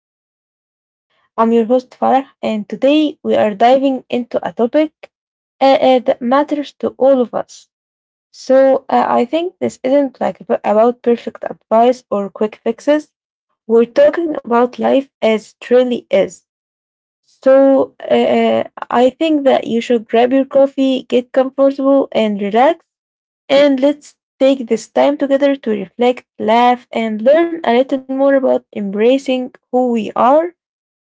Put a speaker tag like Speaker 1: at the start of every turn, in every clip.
Speaker 1: podcast. I'm your host Farah, and today we are diving into a topic that matters to all of us. So I think this isn't like about perfect advice or quick fixes. We're talking about life as it really is. So I think that you should grab your coffee, get comfortable, and relax and let's take this time together to reflect, laugh, and learn a little more about embracing who we are,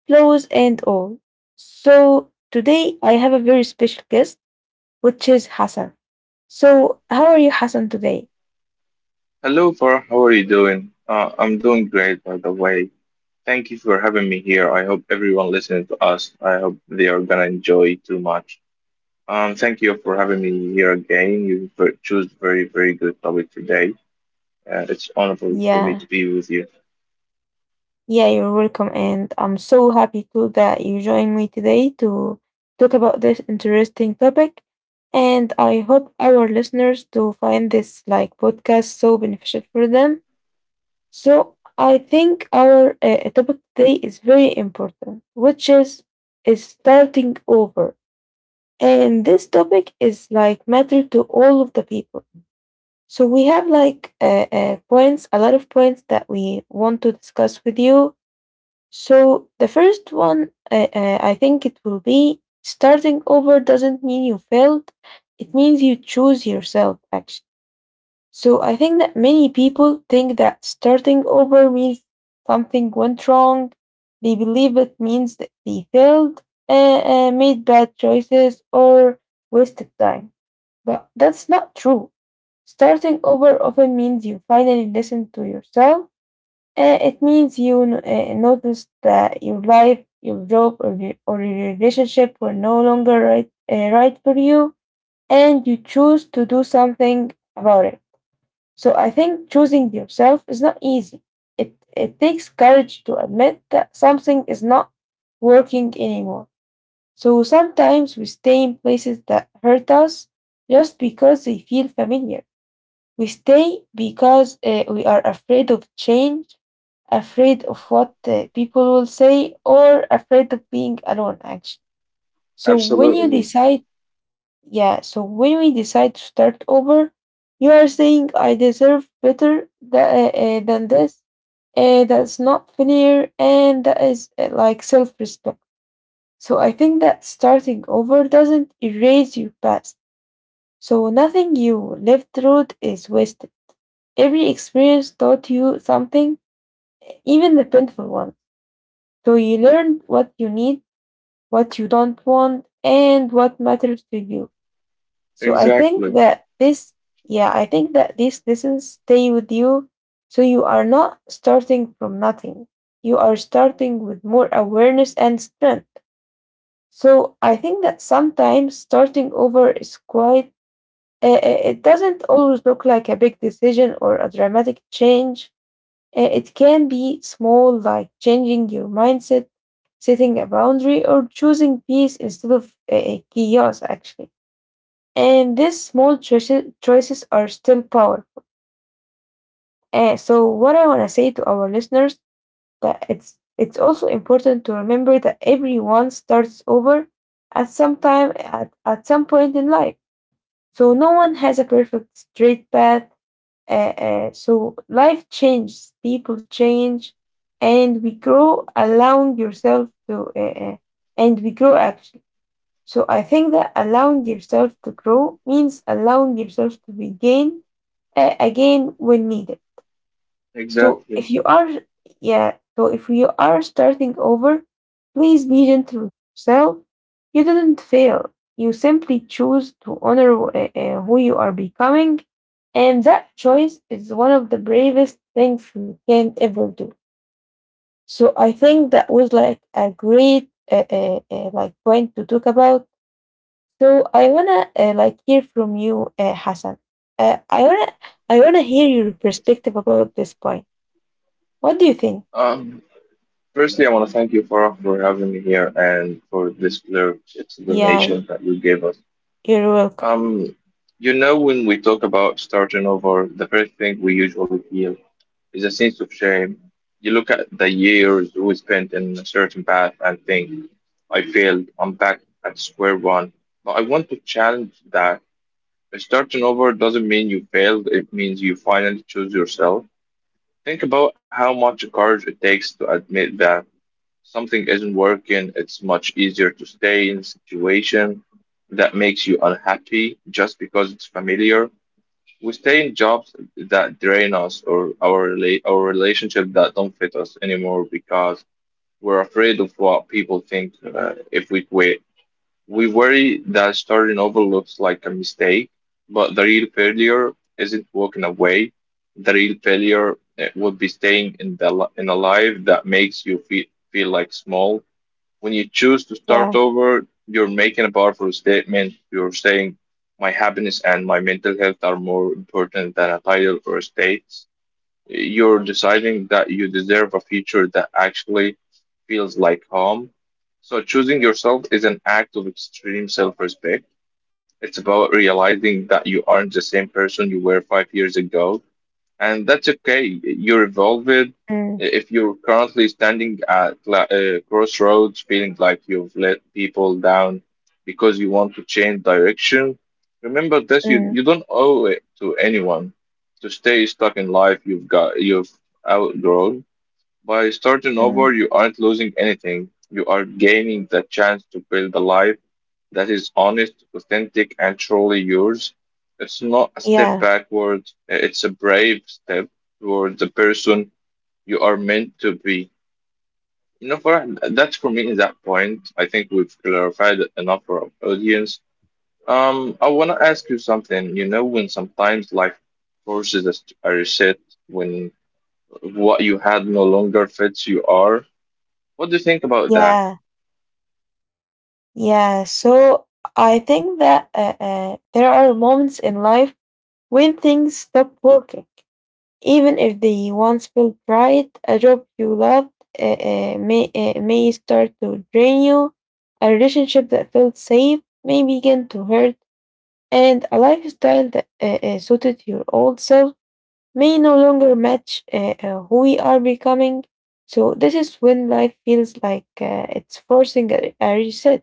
Speaker 1: flaws and all. So, today I have a very special guest, which is Hassan. So, how are you, Hassan, today?
Speaker 2: Hello, Par. How are you doing? I'm doing great, by the way. Thank you for having me here. I hope everyone listening to us, I hope they are gonna enjoy too much. Thank you for having me here again. Choose very, very good topic today. It's honorable for me to
Speaker 1: Yeah,
Speaker 2: be with you.
Speaker 1: yeah, you're welcome, and I'm so happy too that you joined me today to talk about this interesting topic. And I hope our listeners to find this like podcast so beneficial for them. So I think our topic today is very important, which is starting over. And this topic is like matter to all of the people. So we have like points, a lot of points that we want to discuss with you. So the first one, I think it will be starting over doesn't mean you failed. It means you choose yourself actually. So I think that many people think that starting over means something went wrong. They believe it means that they failed, uh, made bad choices, or wasted time. But that's not true. Starting over often means you finally listen to yourself. It means you notice that your life, your job, or your relationship were no longer right, right for you, and you choose to do something about it. So I think choosing yourself is not easy. It takes courage to admit that something is not working anymore. So sometimes we stay in places that hurt us just because they feel familiar. We stay because we are afraid of change, afraid of what people will say, or afraid of being alone, actually. So when you
Speaker 2: Absolutely.
Speaker 1: decide yeah, so when we decide to start over, you are saying I deserve better than this. That's not fair, and that is like self respect. So I think that starting over doesn't erase your past. So nothing you lived through is wasted. Every experience taught you something, even the painful one. So you learned what you need, what you don't want, and what matters to you. So I think
Speaker 2: Exactly.
Speaker 1: that this, yeah, I think that these lessons stay with you. So you are not starting from nothing. You are starting with more awareness and strength. So I think that sometimes starting over is it doesn't always look like a big decision or a dramatic change. It can be small, like changing your mindset, setting a boundary, or choosing peace instead of chaos, actually. And these small choices are still powerful. So what I want to say to our listeners that it's also important to remember that everyone starts over at some at some point in life. So no one has a perfect straight path. So life changes, people change, and we grow. Allowing yourself to uh, uh, and we grow actually. So I think that allowing yourself to grow means allowing yourself to begin again when needed. So
Speaker 2: Exactly.
Speaker 1: if you are, yeah, so if you are starting over, please be gentle with yourself. You didn't fail. You simply choose to honor who you are becoming, and that choice is one of the bravest things you can ever do. So I think that was like a great like point to talk about. So I wanna like hear from you, Hassan. Uh, I wanna I wanna hear your perspective about this point. What do you think?
Speaker 2: Um, Firstly, I want to thank you, Farah, for having me here and for this clear
Speaker 1: Yeah,
Speaker 2: explanation that you gave us.
Speaker 1: you're welcome.
Speaker 2: Um, you know, when we talk about starting over, the first thing we usually feel is a sense of shame. You look at the years we spent in a certain path and think, I failed, I'm back at square one. But I want to challenge that. Starting over doesn't mean you failed, it means you finally choose yourself. Think about how much courage it takes to admit that something isn't working. It's much easier to stay in a situation that makes you unhappy just because it's familiar. We stay in jobs that drain us or our relationship that don't fit us anymore because we're afraid of what people think if we quit. We worry that starting over looks like a mistake, but the real failure isn't walking away. The real failure would be staying in in a life that makes you feel like small. When you choose to start
Speaker 1: Yeah.
Speaker 2: over, you're making a powerful statement. You're saying, my happiness and my mental health are more important than a title or a status. You're deciding that you deserve a future that actually feels like home. So choosing yourself is an act of extreme self-respect. It's about realizing that you aren't the same person you were 5 years ago, and that's okay. You're evolved.
Speaker 1: Mm,
Speaker 2: If you're currently standing at crossroads, feeling like you've let people down because you want to change direction, remember this: you
Speaker 1: mm,
Speaker 2: you don't owe it to anyone to stay stuck in life. You've outgrown. By starting
Speaker 1: mm.
Speaker 2: over, you aren't losing anything. You are gaining the chance to build a life that is honest, authentic, and truly yours. It's not a step
Speaker 1: Yeah.
Speaker 2: backward, it's a brave step toward the person you are meant to be. You know, for that's for me at that point. I think we've clarified it enough for our audience. I want to ask you something. You know, when sometimes life forces us to a reset, when what you had no longer fits you are. What do you think about that?
Speaker 1: Yeah. Yeah. So I think that there are moments in life when things stop working. Even if they once felt right, a job you loved uh, may start to drain you, a relationship that felt safe may begin to hurt, and a lifestyle that suited your old self may no longer match who we are becoming. So, this is when life feels like it's forcing a reset.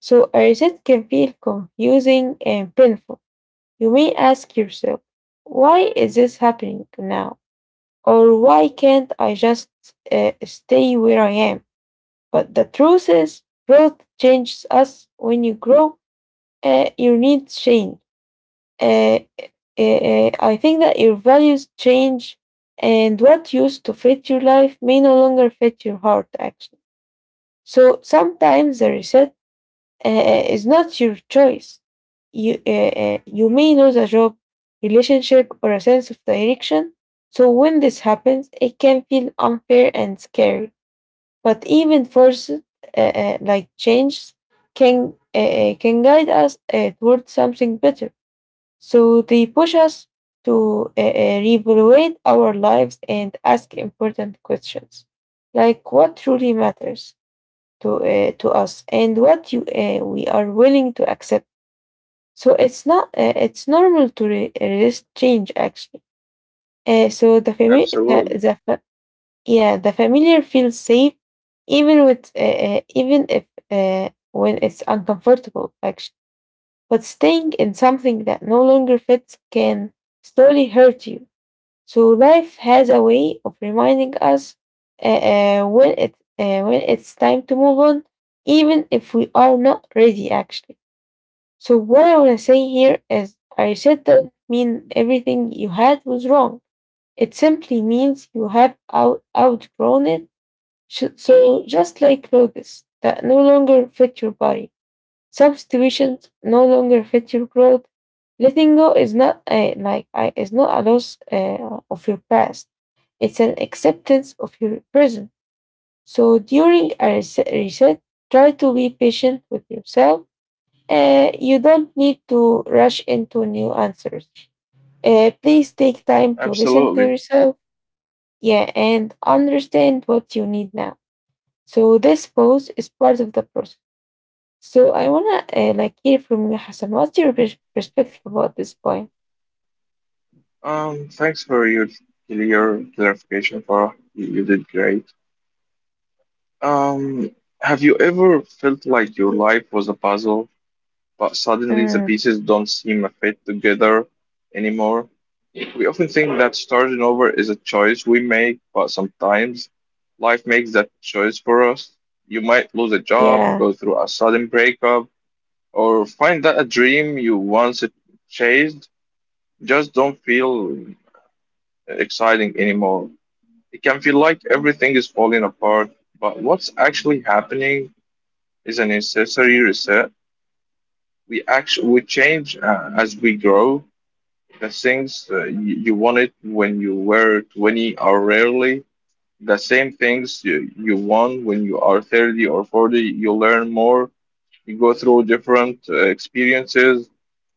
Speaker 1: So, a reset can feel confusing and painful. You may ask yourself, why is this happening now? Or why can't I just stay where I am? But the truth is, growth changes us. When you grow, your needs change. Uh, I think that your values change, and what used to fit your life may no longer fit your heart, actually. So sometimes the reset is not your choice. You may lose a job, relationship, or a sense of direction. So when this happens, it can feel unfair and scary. But even forced, like changes, can guide us towards something better. So they push us to reevaluate our lives and ask important questions, like what truly matters to us and what you we are willing to accept. So it's not it's normal to resist change actually. So the family
Speaker 2: Absolutely.
Speaker 1: the fa- yeah the familiar feels safe even with even if when it's uncomfortable actually. But staying in something that no longer fits can slowly hurt you. So life has a way of reminding us uh, when it's time to move on, even if we are not ready actually. So what I want to say here is I said doesn't mean everything you had was wrong. It simply means you have out outgrown it. So just like clothes that no longer fit your body, some situations no longer fit your growth. Letting go is not a, like I is not a loss of your past. It's an acceptance of your present. So during a reset, try to be patient with yourself. You don't need to rush into new answers. Please take time to listen to
Speaker 2: Absolutely.
Speaker 1: yourself. Yeah, and understand what you need now. So this pause is part of the process. So I wanna like hear from you, Hassan. What's your perspective about this point?
Speaker 2: Thanks for your clear clarification, Farah. You did great. Um, have you ever felt like your life was a puzzle, but suddenly the
Speaker 1: Mm,
Speaker 2: pieces don't seem to fit together anymore? We often think that starting over is a choice we make, but sometimes life makes that choice for us. You might lose a job,
Speaker 1: yeah,
Speaker 2: go through a sudden breakup, or find that a dream you once chased just don't feel exciting anymore. It can feel like everything is falling apart, but what's actually happening is a necessary reset. We change as we grow. The things you wanted when you were 20 are rarely the same things you want when you are 30 or 40. You learn more. You go through different experiences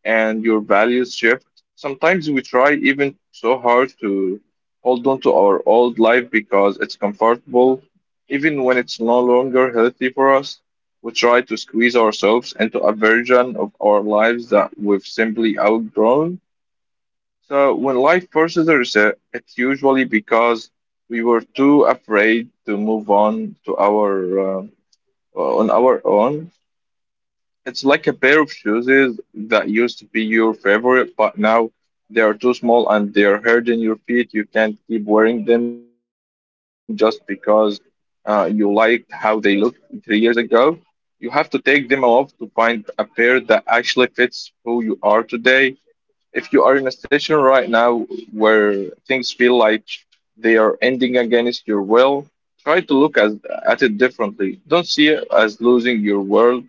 Speaker 2: and your values shift. Sometimes we try even so hard to hold on to our old life because it's comfortable, even when it's no longer healthy for us. We try to squeeze ourselves into a version of our lives that we've simply outgrown. So when life forces a reset, it's usually because we were too afraid to move on to our on our own. It's like a pair of shoes that used to be your favorite, but now they are too small and they're hurting your feet. You can't keep wearing them just because you liked how they looked 3 years ago. You have to take them off to find a pair that actually fits who you are today. If you are in a station right now where things feel like they are ending against your will, try to at it differently. Don't see it as losing your world.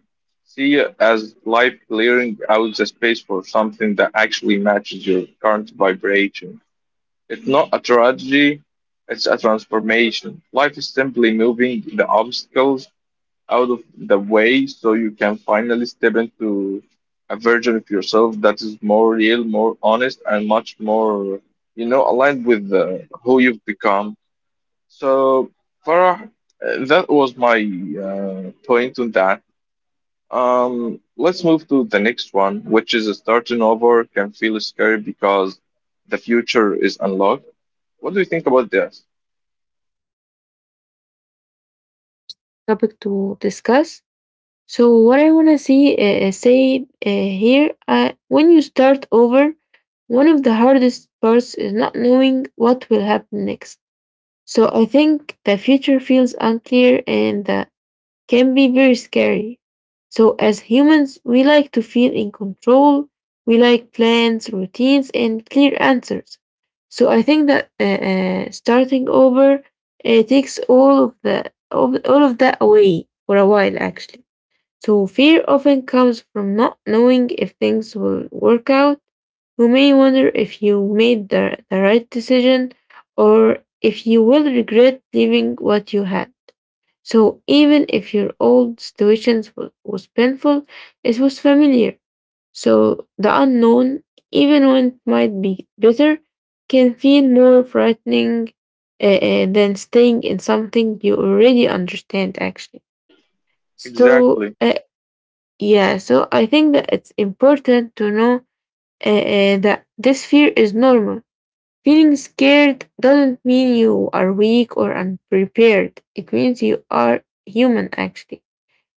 Speaker 2: See it as life clearing out the space for something that actually matches your current vibration. It's not a tragedy, it's a transformation. Life is simply moving the obstacles out of the way so you can finally step into a version of yourself that is more real, more honest, and much more, you know, aligned with who you've become. So, Farah, that was my point on that. Let's move to the next one, which is starting over can feel scary because the future is unlocked. What do you think about this?
Speaker 1: topic to discuss. So what I wanna see say here, when you start over, one of the hardest parts is not knowing what will happen next. So I think the future feels unclear and can be very scary. So as humans, we like to feel in control. We like plans, routines, and clear answers. So I think that starting over takes all of all of that away for a while, actually. So fear often comes from not knowing if things will work out. You may wonder if you made the right decision or if you will regret leaving what you had. So even if your old situations was painful, it was familiar. So the unknown, even when it might be bitter, can feel more frightening than staying in something you already understand actually. So
Speaker 2: Exactly.
Speaker 1: uh, yeah, so I think that it's important to know that this fear is normal. Feeling scared doesn't mean you are weak or unprepared. It means you are human, actually.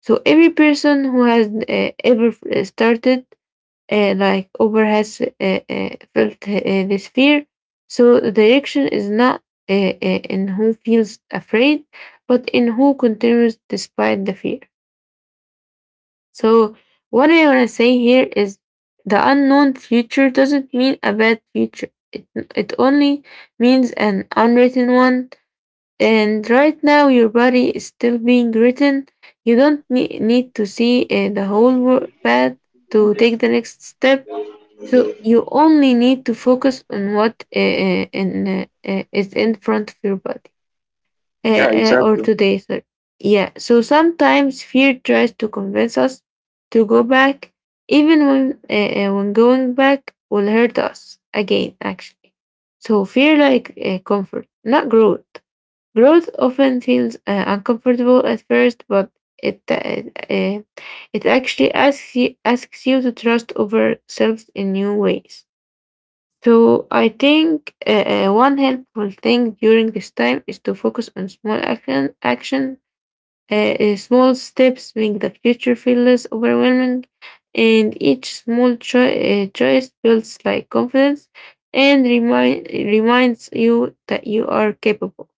Speaker 1: So every person who has started, like over, has felt this fear. So the direction is not in who feels afraid, but in who continues despite the fear. So, what I want to say here is the unknown future doesn't mean a bad future. It only means an unwritten one. And right now, your body is still being written. You don't need to see the whole path to take the next step. So you only need to focus on what is in front of your body
Speaker 2: Yeah,
Speaker 1: or
Speaker 2: exactly.
Speaker 1: today. So, yeah. So sometimes fear tries to convince us to go back, even when going back will hurt us again. Actually, so fear like comfort, not growth. Growth often feels uncomfortable at first, but it uh, uh, it actually asks you to trust over self in new ways. So I think one helpful thing during this time is to focus on small action. Small steps make the future feel less overwhelming, and each small choice builds like confidence and reminds you that you are capable.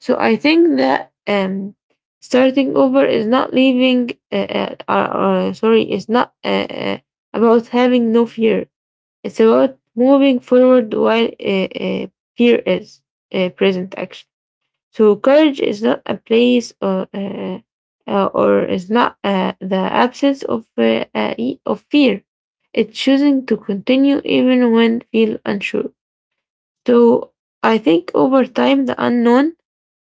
Speaker 1: So I think that starting over is not leaving. Is not about having no fear, it's about moving forward while uh, fear is present, actually. So courage is not a place or is not the absence of fear. It's choosing to continue even when feel unsure. So I think over time, the unknown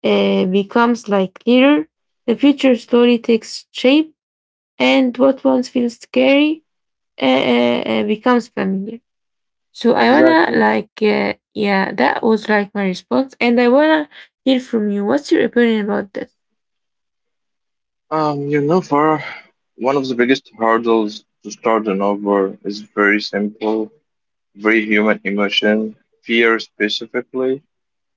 Speaker 1: becomes like clearer. The future slowly takes shape, and what once feels scary becomes familiar. So I wanna
Speaker 2: Exactly.
Speaker 1: that was like my response, and I wanna hear from you. What's your opinion about this?
Speaker 2: You know, for one of the biggest hurdles to start an over is very simple, very human emotion, fear specifically.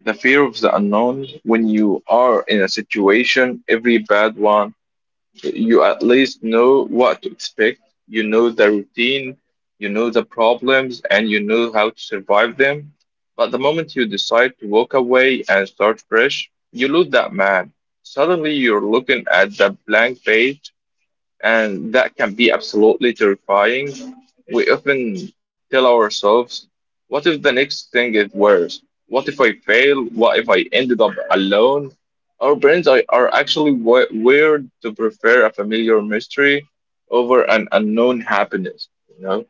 Speaker 2: The fear of the unknown. When you are in a situation, every bad one, you at least know what to expect. You know the routine, you know the problems, and you know how to survive them. But the moment you decide to walk away and start fresh, you lose that man. Suddenly you're looking at the blank page and that can be absolutely terrifying. We often tell ourselves, what if the next thing is worse? What if I fail? What if I ended up alone? Are actually wired to prefer a familiar mystery over an unknown happiness. You know,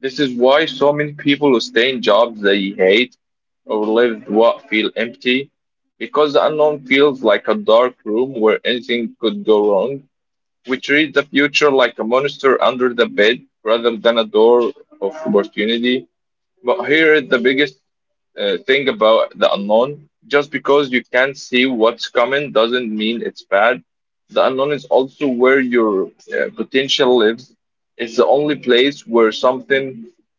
Speaker 2: this is why so many people stay in jobs they hate or live what feel empty, because the unknown feels like a dark room where anything could go wrong. We treat the future like a monster under the bed rather than a door of opportunity. But here is the biggest thing about the unknown. Just because you can't see what's coming doesn't mean it's bad. The unknown is also where your potential lives. It's the only place where something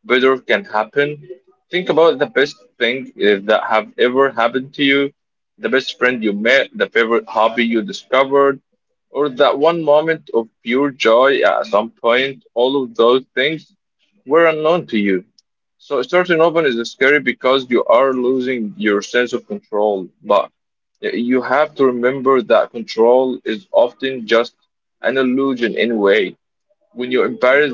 Speaker 2: better can happen. Think about the best thing that have ever happened to you, the best friend you met, the favorite hobby you discovered, or that one moment of pure joy at some point. All of those things were unknown to you. So starting open is scary because you are losing your sense of control, but you have to remember that control is often just an illusion anyway. When you embrace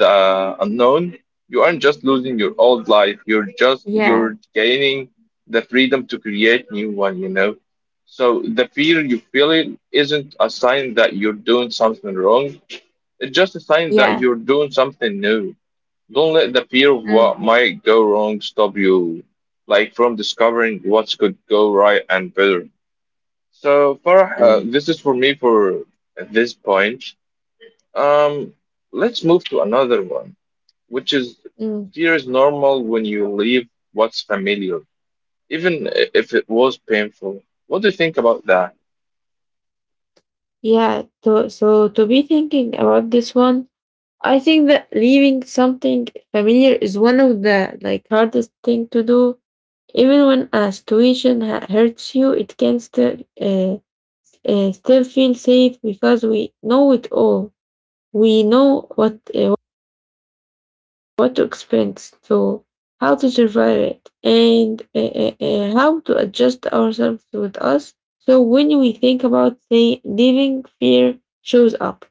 Speaker 2: the unknown, you aren't just losing your old life,
Speaker 1: Yeah,
Speaker 2: you're gaining the freedom to create new one, you know. So the fear you feel it isn't a sign that you're doing something wrong. It's just a sign
Speaker 1: yeah,
Speaker 2: that you're doing something new. Don't let the fear of
Speaker 1: mm,
Speaker 2: what might go wrong stop you, like from discovering what could go right and better. So far,
Speaker 1: mm,
Speaker 2: this is for me for this point. Um, let's move to another one, which is
Speaker 1: mm,
Speaker 2: fear is normal when you leave what's familiar, even if it was painful. What do you think about that?
Speaker 1: yeah. So to be thinking about this one, I think that leaving something familiar is one of the like hardest thing to do. Even when a situation hurts you, it can still feel safe because we know it all. We know what to experience, so how to survive it, and how to adjust ourselves with us. So when we think about the living, fear shows up.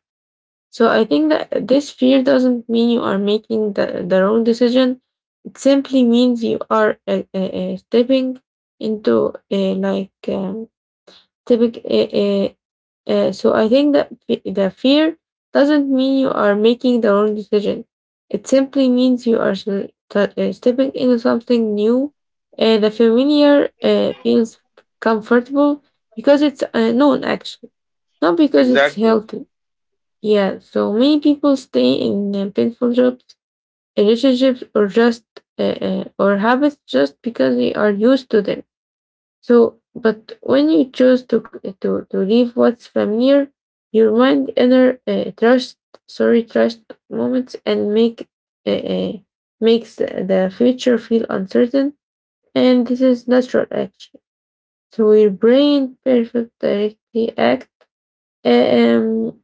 Speaker 1: So I think that this fear doesn't mean you are making the wrong decision. It simply means you are stepping into typic- eh, so I think that the fear doesn't mean you are making the wrong decision. It simply means you are stepping into something new. The familiar feels comfortable because it's known, actually, not because it's
Speaker 2: Exactly.
Speaker 1: healthy. Yeah, so many people stay in painful jobs, relationships, or just or habits just because they are used to them, but when you choose to to leave what's familiar, your mind enter trust moments and make uh, uh, makes the future feel uncertain, and this is natural action. So your brain perfect directly act. Um.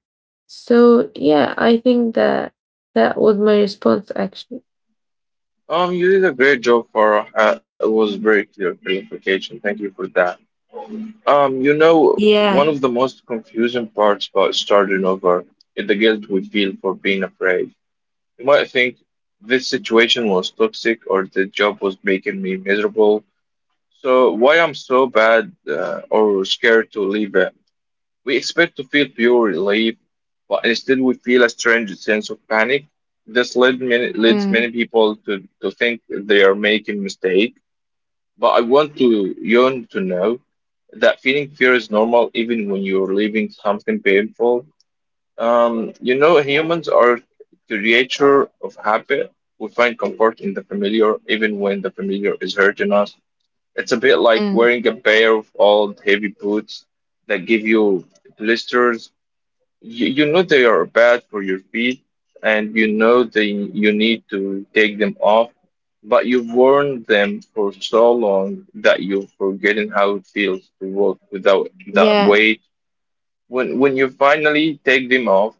Speaker 1: So yeah, I think that that was my response actually.
Speaker 2: You did a great job, Farah. It was very clear clarification. Thank you for that. You know,
Speaker 1: Yeah.
Speaker 2: one of the most confusing parts about starting over is the guilt we feel for being afraid. You might think this situation was toxic or the job was making me miserable, so why I'm so bad or scared to leave it. We expect to feel pure relief, but instead we feel a strange sense of panic. Leads
Speaker 1: Mm,
Speaker 2: many people to think they are making mistakes. But I want to Yeon to know that feeling fear is normal even when you're leaving something painful. You know, humans are creature of habit. We find comfort in the familiar, even when the familiar is hurting us. It's a bit like
Speaker 1: mm,
Speaker 2: wearing a pair of old heavy boots that give you blisters. You know they are bad for your feet, and you know they you need to take them off, but you've worn them for so long that you've forgotten how it feels to walk without that
Speaker 1: yeah.
Speaker 2: weight. When you finally take them off,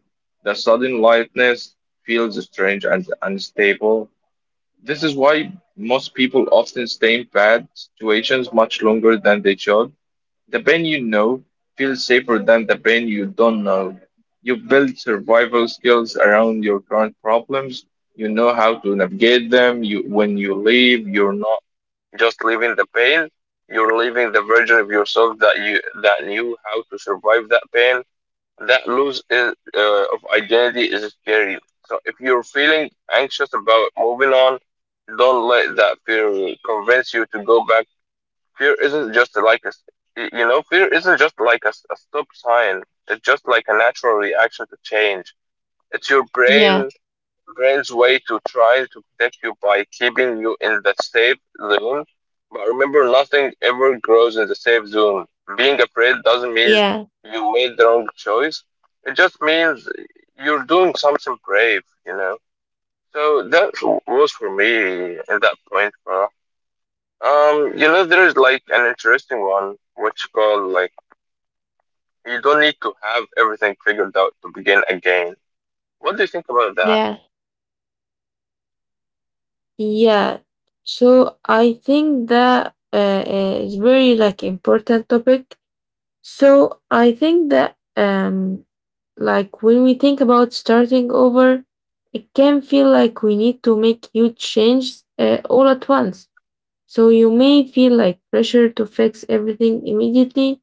Speaker 2: the sudden lightness feels strange and unstable. This is why most people often stay in bad situations much longer than they should. The Ben you know feels safer than the Ben you don't know. You build survival skills around your current problems. You know how to navigate them. You, when you leave, you're not just leaving the pain. You're leaving the version of yourself that knew how to survive that pain. That lose is, of identity is scary. So if you're feeling anxious about moving on, don't let that fear convince you to go back. Fear isn't just like a, s- y- you know, Fear isn't just like s- a stop sign. It's just like a natural reaction to change. It's your
Speaker 1: Yeah.
Speaker 2: brain's way to try to protect you by keeping you in that safe zone. But remember, nothing ever grows in the safe zone. Being afraid doesn't mean
Speaker 1: Yeah.
Speaker 2: you made the wrong choice. It just means you're doing something brave, you know. So that was for me at that point, bro. There is like an interesting one, which called like you don't need to have everything figured out to begin again. What do you think about that?
Speaker 1: Yeah. Yeah. So I think that is very like important topic. So I think that like when we think about starting over, it can feel like we need to make huge changes all at once. So you may feel like pressure to fix everything immediately,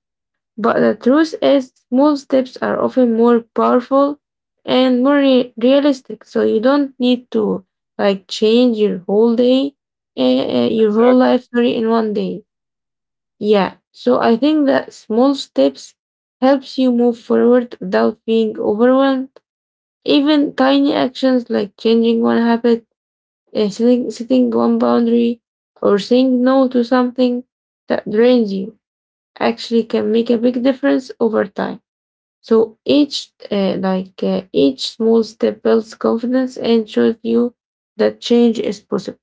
Speaker 1: but the truth is, small steps are often more powerful and realistic. So you don't need to like change your whole day, your whole
Speaker 2: Exactly.
Speaker 1: life, sorry, in one day. Yeah. So I think that small steps helps you move forward without being overwhelmed. Even tiny actions like changing one habit, setting one boundary, or saying no to something that drains you actually can make a big difference over time. So each small step builds confidence and shows you that change is possible.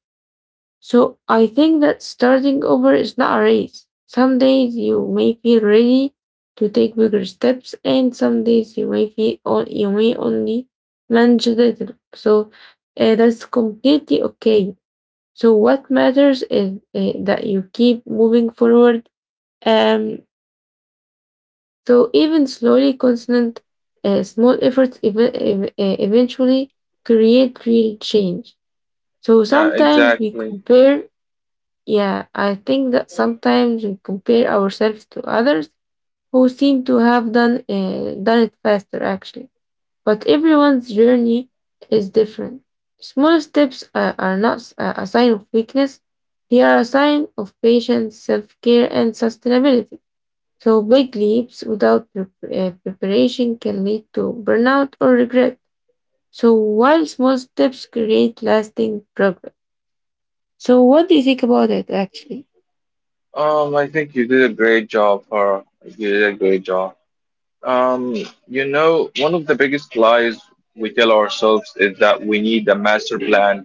Speaker 1: So I think that starting over is not a race. Some days you may feel ready to take bigger steps, and some days you may feel you may only manage a little. So that's completely okay. So what matters is that you keep moving forward. Um, so even slowly, constant, small efforts eventually create real change. So
Speaker 2: Yeah,
Speaker 1: sometimes we
Speaker 2: exactly.
Speaker 1: compare, yeah, I think that sometimes we compare ourselves to others who seem to have done it faster actually. But everyone's journey is different. Small steps are not s- a sign of weakness. They are a sign of patience, self-care, and sustainability. So, big leaps without preparation can lead to burnout or regret. So, while small steps create lasting progress. So, what do you think about it actually?
Speaker 2: I think you did a great job, Farah. You did a great job. Um, you know, one of the biggest lies we tell ourselves is that we need a master plan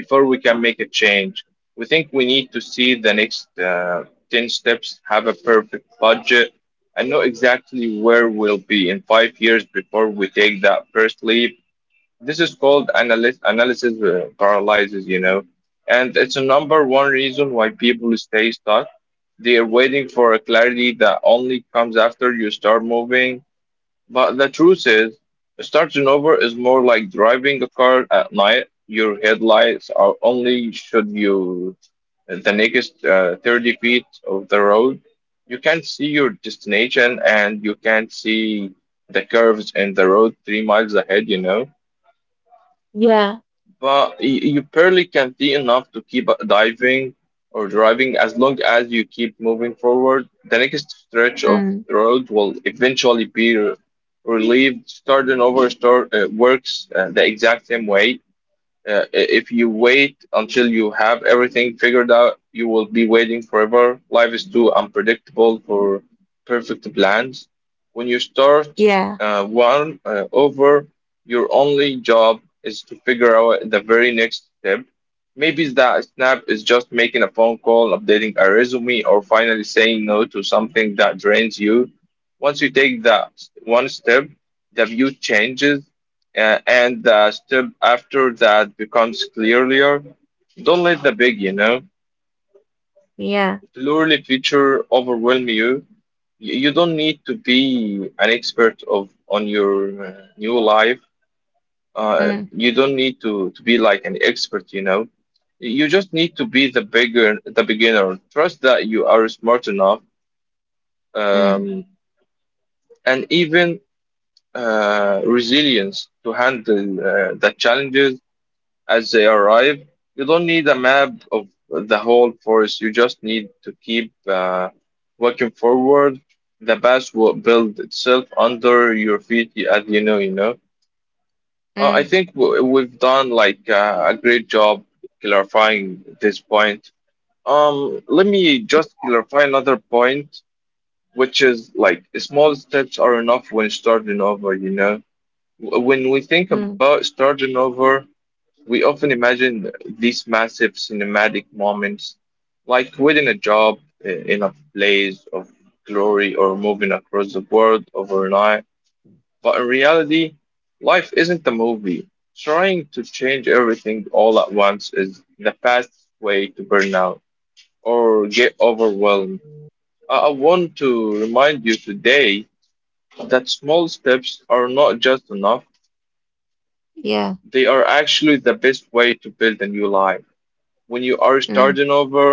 Speaker 2: before we can make a change. We think we need to see the next 10 steps, have a perfect budget, and know exactly where we'll be in 5 years before we take that first leap. This is called analysis paralysis, you know, and it's a number one reason why people stay stuck. They are waiting for a clarity that only comes after you start moving, but the truth is, starting over is more like driving a car at night. Your headlights are only should you the next 30 feet of the road. You can't see your destination and you can't see the curves in the road 3 miles ahead, you know?
Speaker 1: Yeah.
Speaker 2: But you barely can see enough to keep diving or driving as long as you keep moving forward. The next stretch of
Speaker 1: Mm.
Speaker 2: road will eventually be relieved. Starting over works the exact same way. Uh, if you wait until you have everything figured out, you will be waiting forever. Life is too unpredictable for perfect plans. When you start
Speaker 1: Yeah.
Speaker 2: one over, your only job is to figure out the very next step. Maybe that snap is just making a phone call, updating a resume, or finally saying no to something that drains you. Once you take that one step, the view changes and the step after that becomes clearer. Don't let the big, you know,
Speaker 1: Yeah.
Speaker 2: blurry feature overwhelm you. You don't need to be an expert of on your uh, new life.
Speaker 1: Mm.
Speaker 2: You don't need to be like an expert, you know. You just need to be the beginner. Trust that you are smart enough,
Speaker 1: Mm.
Speaker 2: um, and even resilience to handle the challenges as they arrive. You don't need a map of the whole forest. You just need to keep walking forward. The path will build itself under your feet as you know, you know. I
Speaker 1: Mm.
Speaker 2: think we've done like a great job clarifying this point. Let me just clarify another point, which is like small steps are enough when starting over, you know. When we think
Speaker 1: Mm.
Speaker 2: about starting over, we often imagine these massive cinematic moments like within a job, in a blaze of glory, or moving across the world overnight. But in reality, life isn't a movie. Trying to change everything all at once is the fastest way to burn out or get overwhelmed. I want to remind you today that small steps are not just enough,
Speaker 1: Yeah.
Speaker 2: they are actually the best way to build a new life. When you are
Speaker 1: Mm.
Speaker 2: starting over,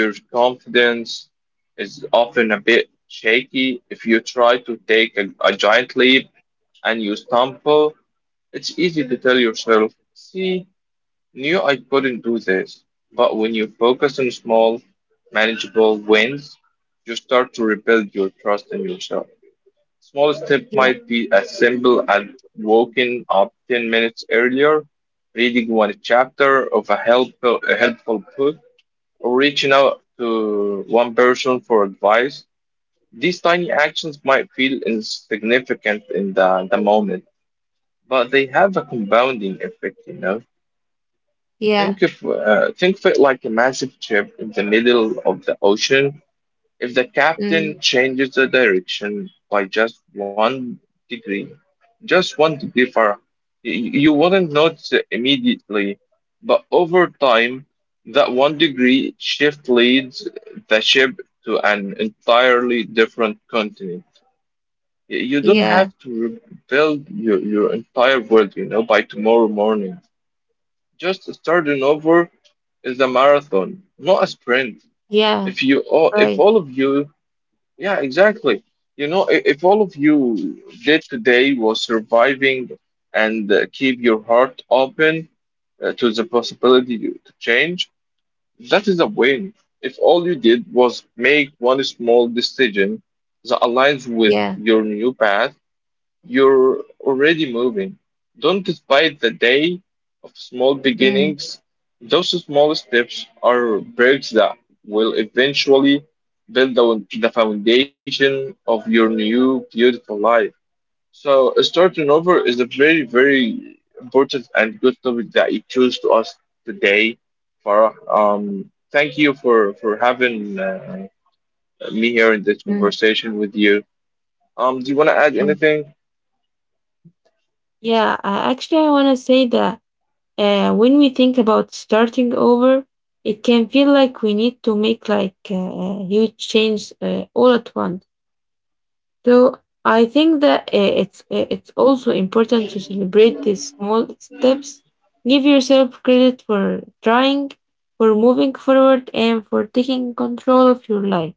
Speaker 2: your confidence is often a bit shaky. If you try to take a giant leap and you stumble, it's easy to tell yourself, see, knew I couldn't do this. But when you focus on small, manageable wins, you start to rebuild your trust in yourself. Small step might be as simple as waking up 10 minutes earlier, reading one chapter of a helpful book, reaching out to one person for advice. These tiny actions might feel insignificant in the moment, but they have a compounding effect, you know.
Speaker 1: Yeah.
Speaker 2: Think of it like a massive chip in the middle of the ocean. If the captain
Speaker 1: Mm.
Speaker 2: changes the direction by degree, just one degree far, y- you wouldn't notice it immediately, but over time, that one degree shift leads the ship to an entirely different continent. You don't
Speaker 1: Yeah.
Speaker 2: have to rebuild your entire world, you know, by tomorrow morning. Just starting over is a marathon, not a sprint.
Speaker 1: Yeah.
Speaker 2: If
Speaker 1: Right.
Speaker 2: all of you, yeah, exactly. You know, if all of you did today was surviving and keep your heart open to the possibility to change, that is a win. If all you did was make one small decision that aligns with
Speaker 1: Yeah.
Speaker 2: your new path, you're already moving. Don't despise the day of small
Speaker 1: Mm.
Speaker 2: beginnings. Those small steps are bricks that will eventually build the foundation of your new beautiful life. So, starting over is a very, very important and good topic that you choose to us today, Farah. Thank you for having me here in this
Speaker 1: Mm.
Speaker 2: conversation with you. Do you want to add
Speaker 1: Mm.
Speaker 2: anything?
Speaker 1: Yeah. Actually, I want to say that uh, when we think about starting over, it can feel like we need to make like huge change all at once. So I think that it's also important to celebrate these small steps. Give yourself credit for trying, for moving forward, and for taking control of your life.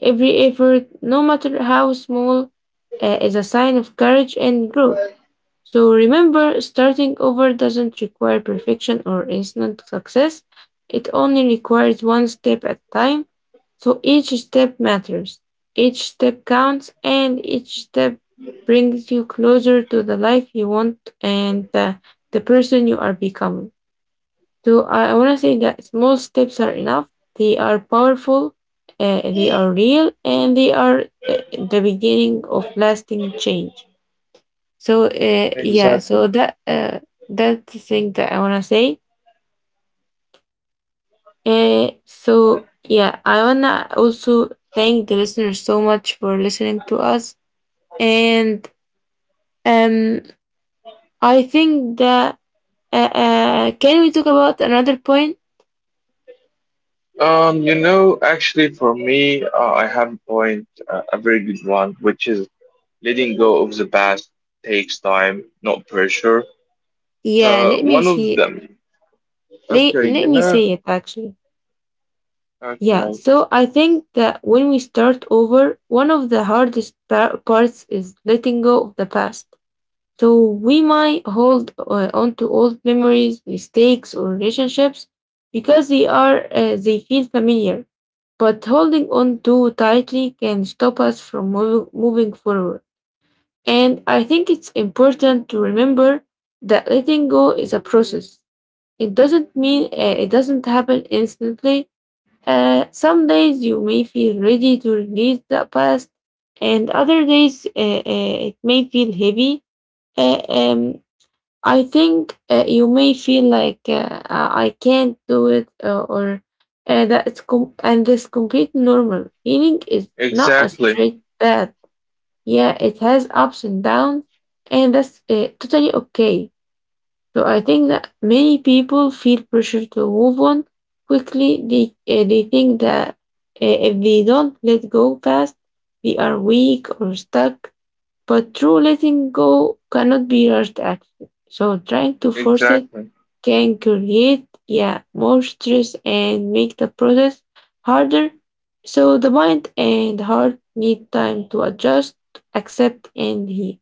Speaker 1: Every effort, no matter how small, is a sign of courage and growth. So remember, starting over doesn't require perfection or instant success. It only requires one step at a time. So each step matters, each step counts, and each step brings you closer to the life you want and the person you are becoming. So I want to say that small steps are enough, they are powerful, they are real, and they are the beginning of lasting change. So
Speaker 2: Exactly.
Speaker 1: that's the thing that I wanna say. So yeah, I wanna also thank the listeners so much for listening to us, and um, I think that can we talk about another point?
Speaker 2: You know, actually, for me, I have a point, a very good one, which is letting go of the past takes time, not pressure. So,
Speaker 1: Yeah, let me
Speaker 2: one of
Speaker 1: see.
Speaker 2: them. Okay, you
Speaker 1: Let me
Speaker 2: know,
Speaker 1: say it actually. Yeah,
Speaker 2: okay,
Speaker 1: so I think that when we start over, one of the hardest parts is letting go of the past. So we might hold on to old memories, mistakes, or relationships because they feel familiar. But holding on too tightly can stop us from moving forward. And I think it's important to remember that letting go is a process. It doesn't happen instantly. Some days you may feel ready to release the past, and other days it may feel heavy. Uh, um, I think you may feel like I can't do it or that it's com- and this complete normal. Healing is not a
Speaker 2: exactly,
Speaker 1: straight path. Yeah, it has ups and downs, and that's totally okay. So I think that many people feel pressure to move on quickly. They think that if they don't let go fast, they are weak or stuck. But true letting go cannot be rushed action. So trying to force it
Speaker 2: exactly,
Speaker 1: can create, yeah, more stress and make the process harder. So the mind and heart need time to adjust, accept, and heal.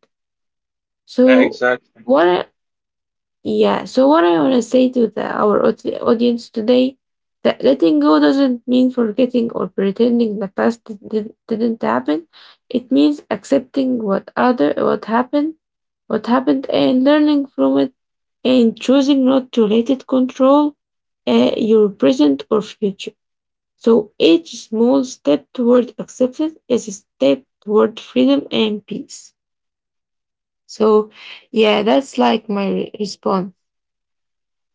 Speaker 2: yeah,
Speaker 1: So
Speaker 2: exactly,
Speaker 1: what, I, what I wanna say to our audience today, that letting go doesn't mean forgetting or pretending the past didn't happen. It means accepting what happened and learning from it and choosing not to let it control your present or future. So each small step toward acceptance is a step toward freedom and peace. So yeah, that's like my response.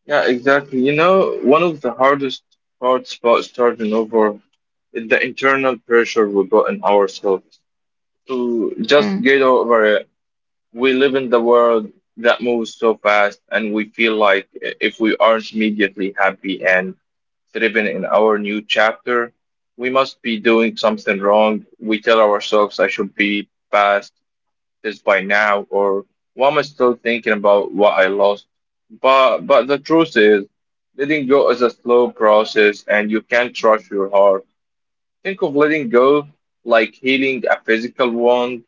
Speaker 2: yeah, exactly. You know, one of the hardest parts about starting over is the internal pressure we put on ourselves to just
Speaker 1: Mm,
Speaker 2: get over it. We live in the world that moves so fast and we feel like if we aren't immediately happy and thriving in our new chapter, we must be doing something wrong. We tell ourselves I should be past this by now, or why am I still thinking about what I lost? But the truth is, letting go is a slow process and you can't trust your heart. Think of letting go like healing a physical wound.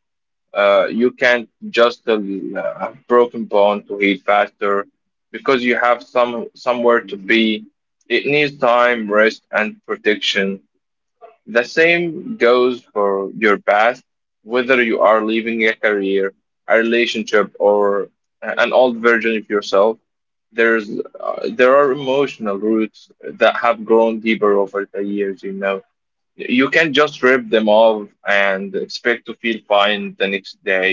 Speaker 2: You can't just broken bone to heal faster because you have somewhere to be. It needs time, rest, and protection. The same goes for your past, whether you are leaving a career, a relationship, or an old version of yourself. There's there are emotional roots that have grown deeper over the years. You know, you can't just rip them off and expect to feel fine the next day.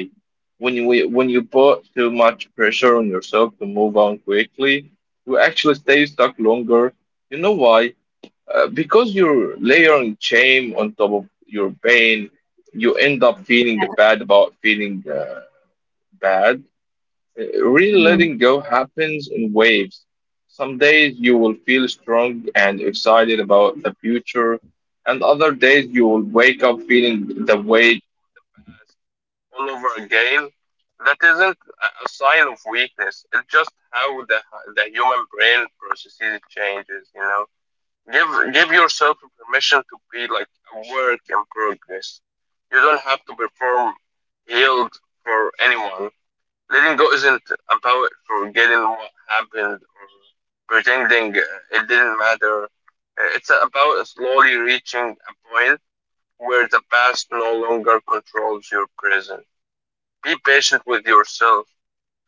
Speaker 2: When you put too much pressure on yourself to move on quickly, you actually stay stuck longer. You know why? Because you're layering shame on top of your pain, you end up feeling bad about feeling bad. Real
Speaker 1: mm.
Speaker 2: letting go happens in waves. Some days you will feel strong and excited about the future, and other days you will wake up feeling the weight all over again. That isn't a sign of weakness. It's just how the human brain processes changes. You know, give give yourself permission to be like a work in progress. You don't have to perform healed for anyone. Letting go isn't about forgetting what happened or pretending it didn't matter. It's about slowly reaching a point where the past no longer controls your present. Be patient with yourself.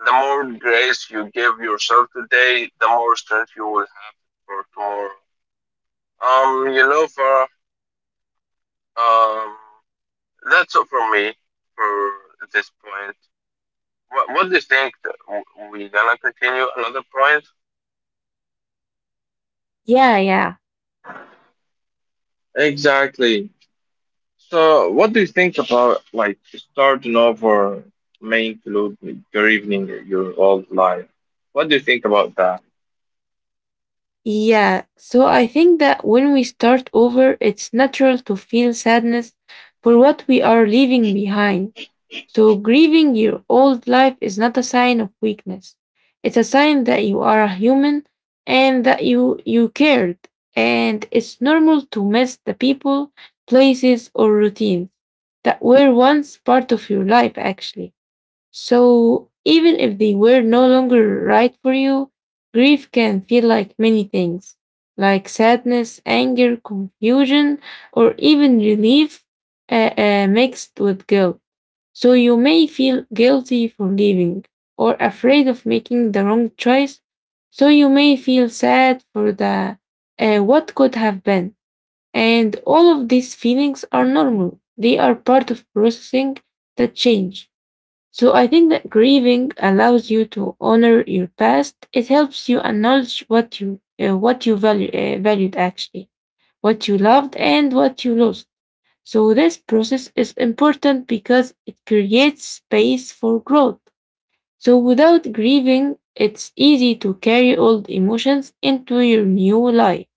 Speaker 2: The more grace you give yourself today, the more strength you will have for tomorrow. You know, for um, that's all from me for this point. What do you think? We're gonna continue another point?
Speaker 1: Yeah, yeah.
Speaker 2: Exactly. So, what do you think about like starting over may include your evening, your old life? What do you think about that?
Speaker 1: Yeah. So I think that when we start over, it's natural to feel sadness for what we are leaving behind. So, grieving your old life is not a sign of weakness. It's a sign that you are a human and that you cared. And it's normal to miss the people, places, or routines that were once part of your life, actually. So, even if they were no longer right for you, grief can feel like many things, like sadness, anger, confusion, or even relief mixed with guilt. So you may feel guilty for leaving or afraid of making the wrong choice. So you may feel sad for the what could have been. And all of these feelings are normal. They are part of processing the change. So I think that grieving allows you to honor your past. It helps you acknowledge what you valued actually, what you loved and what you lost. So this process is important because it creates space for growth. So without grieving, it's easy to carry old emotions into your new life,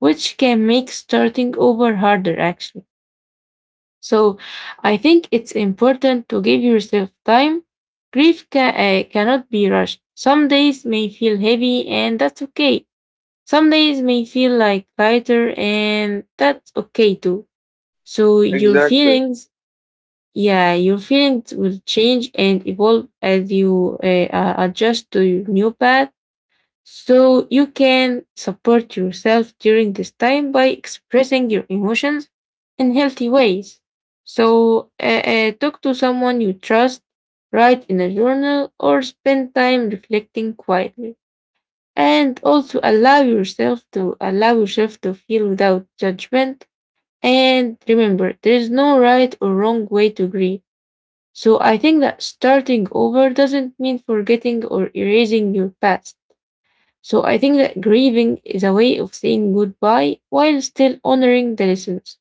Speaker 1: which can make starting over harder actually. So I think it's important to give yourself time. Grief cannot be rushed. Some days may feel heavy and that's okay. Some days may feel like lighter and that's okay too. So your
Speaker 2: Exactly.
Speaker 1: feelings yeah, your feelings will change and evolve as you adjust to your new path. So you can support yourself during this time by expressing your emotions in healthy ways. So talk to someone you trust, write in a journal, or spend time reflecting quietly. And also allow yourself to feel without judgment. And remember, there is no right or wrong way to grieve. So I think that starting over doesn't mean forgetting or erasing your past. So I think that grieving is a way of saying goodbye while still honoring the lessons,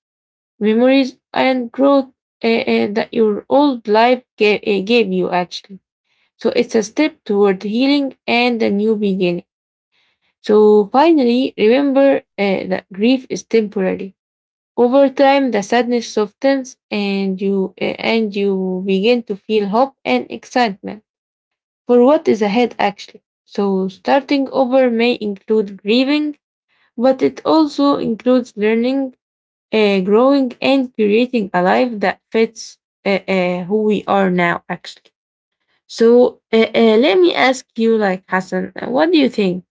Speaker 1: memories, and growth that your old life gave you, actually. So it's a step toward healing and a new beginning. So finally, remember that grief is temporary. Over time, the sadness softens, and you begin to feel hope and excitement for what is ahead actually. So starting over may include grieving, but it also includes learning, growing, and creating a life that fits who we are now actually. So let me ask you, like Hassan, what do you think?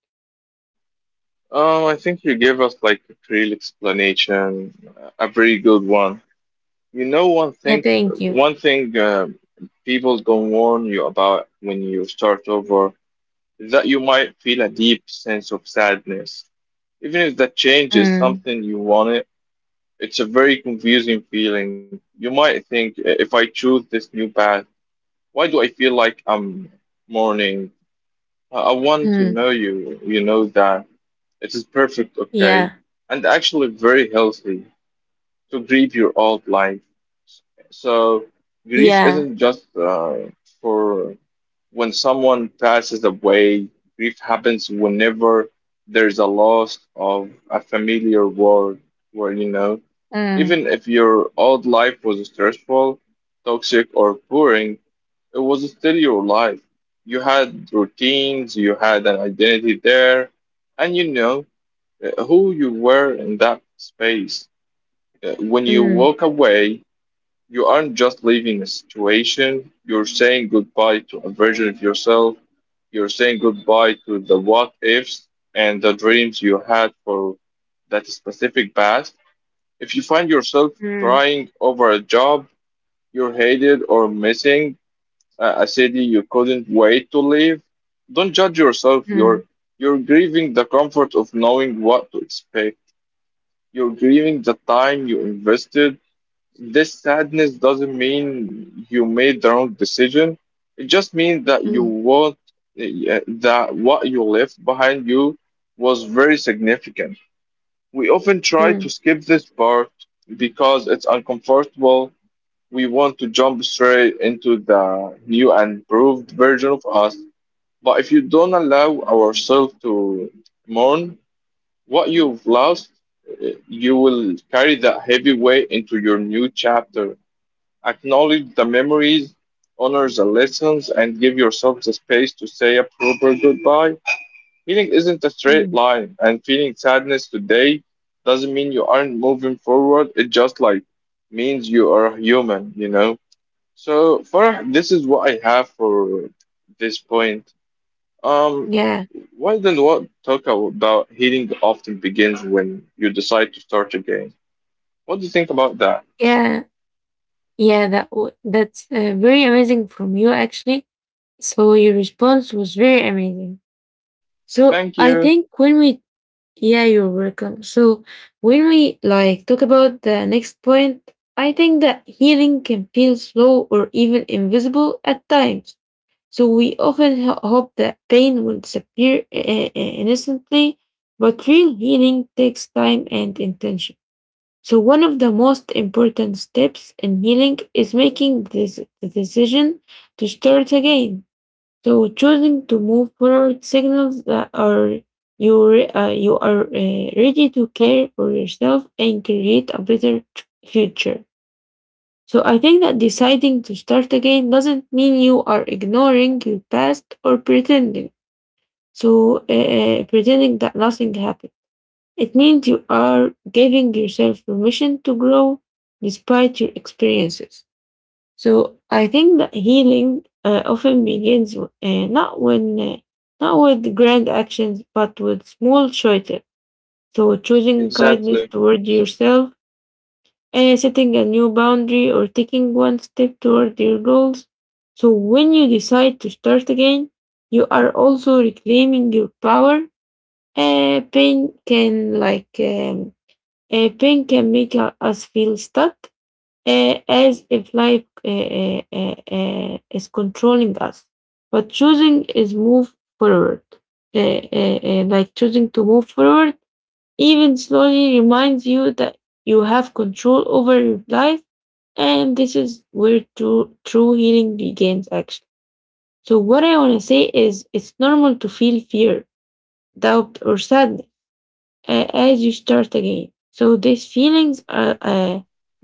Speaker 2: I think you gave us like a real explanation, a very good one. You know,
Speaker 1: Yeah, thank you.
Speaker 2: one thing people don't warn you about when you start over is that you might feel a deep sense of sadness, even if that change is
Speaker 1: Mm,
Speaker 2: something you wanted. It's a very confusing feeling. You might think, If I choose this new path, why do I feel like I'm mourning? I want to
Speaker 1: mm,
Speaker 2: know you. You know that it is perfect, okay,
Speaker 1: yeah,
Speaker 2: and actually very healthy to grieve your old life." So grief
Speaker 1: yeah.
Speaker 2: isn't just for when someone passes away. Grief happens whenever there's a loss of a familiar world, where you know, even
Speaker 1: Mm,
Speaker 2: if your old life was stressful, toxic, or boring, it was still your life. You had routines, you had an identity there, and you know who you were in that space. When you
Speaker 1: mm,
Speaker 2: walk away, you aren't just leaving a situation, you're saying goodbye to a version of yourself. You're saying goodbye to the what ifs and the dreams you had for that specific past. If you find yourself
Speaker 1: mm,
Speaker 2: crying over a job you hated or missing a city you couldn't wait to leave, don't judge yourself.
Speaker 1: mm,
Speaker 2: You're grieving the comfort of knowing what to expect. You're grieving the time you invested. This sadness doesn't mean you made the wrong decision. It just means that you
Speaker 1: mm,
Speaker 2: that what you left behind you was very significant. We often try to
Speaker 1: mm,
Speaker 2: skip this part because it's uncomfortable. We want to jump straight into the new and improved version of us. But if you don't allow ourselves to mourn what you've lost, you will carry that heavy weight into your new chapter. Acknowledge the memories, honor the lessons, and give yourself the space to say a proper goodbye. Healing isn't a straight
Speaker 1: mm.
Speaker 2: line, and feeling sadness today doesn't mean you aren't moving forward. It just like means you are human, you know. So for this is what I have for this point. Um,
Speaker 1: Yeah,
Speaker 2: why then what talk about healing often begins when you decide to start again. What do you think about that?
Speaker 1: yeah, yeah. That's very amazing from you, actually. So your response was very amazing. So
Speaker 2: Thank
Speaker 1: I
Speaker 2: you.
Speaker 1: think when we yeah, you're welcome. So when we like talk about the next point, I think that healing can feel slow or even invisible at times. So we often hope that pain will disappear instantly, but real healing takes time and intention. So one of the most important steps in healing is making this the decision to start again. So choosing to move forward signals that you are ready to care for yourself and create a better future. So I think that deciding to start again doesn't mean you are ignoring your past or pretending. So pretending that nothing happened. It means you are giving yourself permission to grow despite your experiences. So I think that healing often begins not with grand actions, but with small choices. So choosing kindness
Speaker 2: Exactly.
Speaker 1: toward yourself, setting a new boundary, or taking one step toward your goals. So when you decide to start again, you are also reclaiming your power. Uh, pain can like um, Pain can make us feel stuck, as if life is controlling us. But choosing is move forward, like choosing to move forward, even slowly reminds you that you have control over your life, and this is where true healing begins. Actually, so what I want to say is, it's normal to feel fear, doubt, or sadness as you start again. So these feelings are,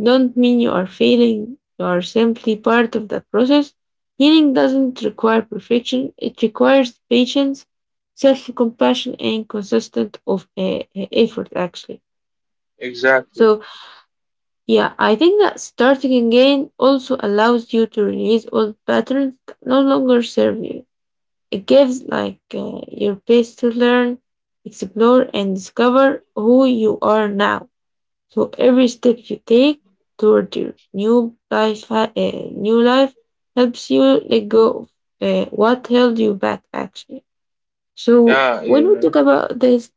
Speaker 1: don't mean you are failing. You are simply part of the process. Healing doesn't require perfection. It requires patience, self-compassion, and consistent of effort. Actually,
Speaker 2: Exactly.
Speaker 1: so yeah, I think that starting again also allows you to release old patterns that no longer serve you. It gives like your pace to learn, explore, and discover who you are now. So every step you take toward your new life, new life helps you let go of what held you back, actually. So
Speaker 2: Yeah,
Speaker 1: when
Speaker 2: you
Speaker 1: we
Speaker 2: know.
Speaker 1: talk about this,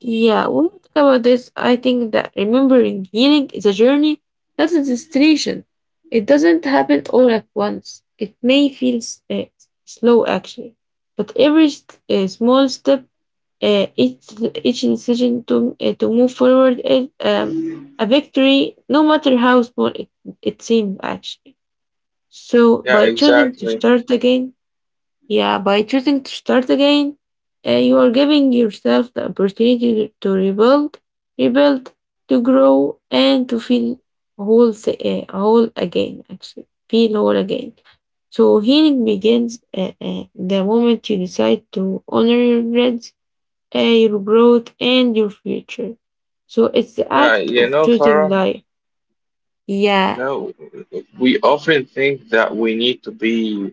Speaker 1: yeah, when we talk about this, I think that remembering healing is a journey, not a destination. It doesn't happen all at once. It may feel slow, actually, but every small step, uh, each each decision to move forward is a victory, no matter how small it seems actually. So
Speaker 2: Yeah,
Speaker 1: by choosing to
Speaker 2: exactly.
Speaker 1: start again, yeah, by choosing to start again, you are giving yourself the opportunity to rebuild, rebuild, to grow, and to feel whole again. Actually, feel whole again. So healing begins the moment you decide to honor your dreams, your growth, and your future. So it's the
Speaker 2: Yeah,
Speaker 1: act
Speaker 2: you
Speaker 1: of
Speaker 2: know,
Speaker 1: choosing
Speaker 2: Farah,
Speaker 1: life.
Speaker 2: you
Speaker 1: Yeah,
Speaker 2: know, we often think that we need to be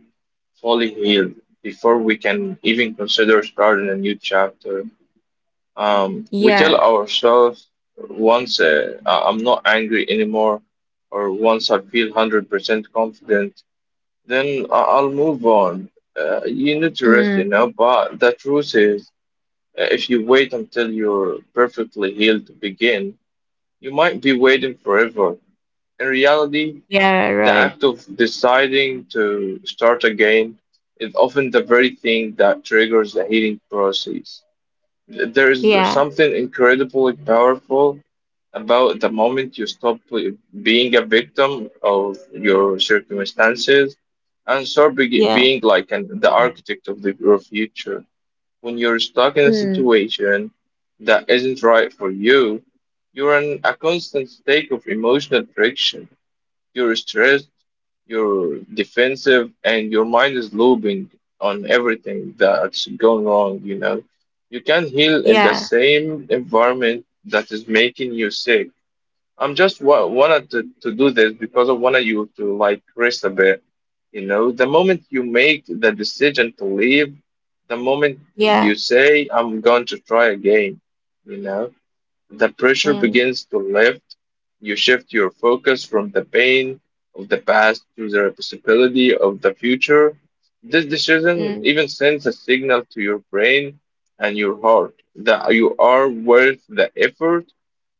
Speaker 2: fully healed before we can even consider starting a new chapter. We tell
Speaker 1: yeah,
Speaker 2: ourselves, once I'm not angry anymore, or once I feel 100% confident, then I'll move on. You need to rest, you
Speaker 1: mm,
Speaker 2: know, but the truth is, if you wait until you're perfectly healed to begin, you might be waiting forever. In reality,
Speaker 1: yeah,
Speaker 2: the
Speaker 1: right.
Speaker 2: act of deciding to start again is often the very thing that triggers the healing process. There is
Speaker 1: Yeah,
Speaker 2: something incredibly powerful about the moment you stop being a victim of your circumstances and start be-
Speaker 1: yeah,
Speaker 2: being like an, the architect of your future. When you're stuck in a
Speaker 1: mm,
Speaker 2: situation that isn't right for you, you're in a constant state of emotional friction. You're stressed, you're defensive, and your mind is looping on everything that's gone wrong, you know. You can't heal in the
Speaker 1: yeah,
Speaker 2: same environment that is making you sick. I'm just wa wanted to do this because I wanted you to like rest a bit. You know, the moment you make the decision to leave, the moment
Speaker 1: yeah,
Speaker 2: you say, I'm going to try again, you know the pressure
Speaker 1: mm,
Speaker 2: begins to lift. You shift your focus from the pain of the past to the possibility of the future. This decision
Speaker 1: mm,
Speaker 2: even sends a signal to your brain and your heart that you are worth the effort.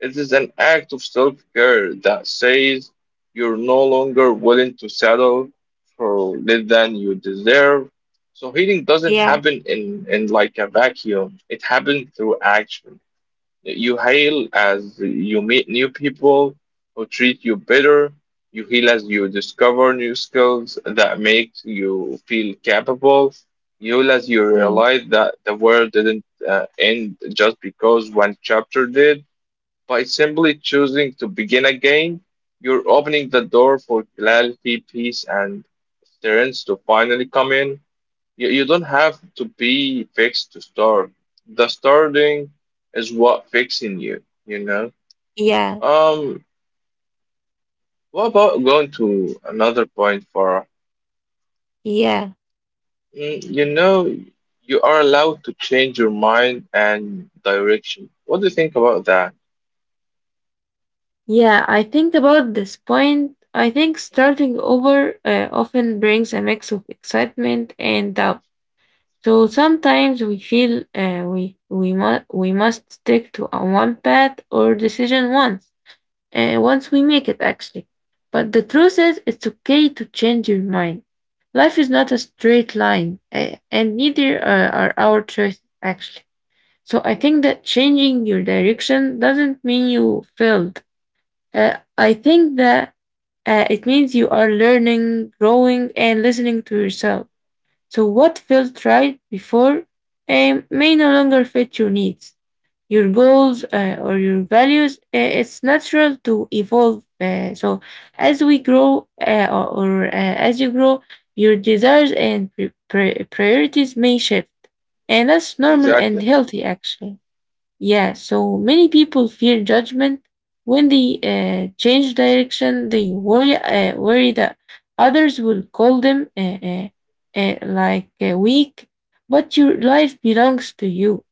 Speaker 2: It is an act of self care that says you're no longer willing to settle for less than you deserve. So healing doesn't
Speaker 1: yeah,
Speaker 2: happen in like a vacuum. It happens through action. You heal as you meet new people who treat you better. You heal as you discover new skills that make you feel capable. You heal as you
Speaker 1: mm,
Speaker 2: realize that the world didn't end just because one chapter did. By simply choosing to begin again, you're opening the door for clarity, peace, and strength to finally come in. You don't have to be fixed to start. The starting is what fixing you, you know?
Speaker 1: yeah,
Speaker 2: Um, what about going to another point, Farah?
Speaker 1: yeah.
Speaker 2: Mm, you know, you are allowed to change your mind and direction. What do you think about that?
Speaker 1: Yeah, I think about this point. I think starting over often brings a mix of excitement and doubt. So sometimes we feel we must stick to a one path or decision once we make it actually. But the truth is, it's okay to change your mind. Life is not a straight line, and neither are our choices actually. So I think that changing your direction doesn't mean you failed. I think that it means you are learning, growing, and listening to yourself. So, what felt right before may no longer fit your needs, your goals, or your values. It's natural to evolve. So, as we grow, as you grow, your desires and priorities may shift. And that's normal and
Speaker 2: Exactly,
Speaker 1: healthy, actually. Yeah, so many people fear judgment when they change direction. They worry that others will call them weak. But your life belongs to you,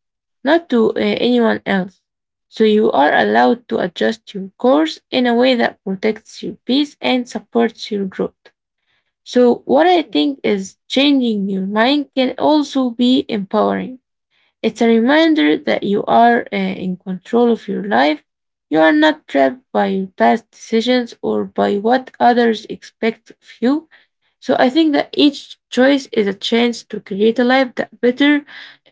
Speaker 1: not to anyone else. So you are allowed to adjust your course in a way that protects your peace and supports your growth. So what I think is changing your mind can also be empowering. It's a reminder that you are in control of your life. You are not trapped by your past decisions or by what others expect of you. So I think that each choice is a chance to create a life that better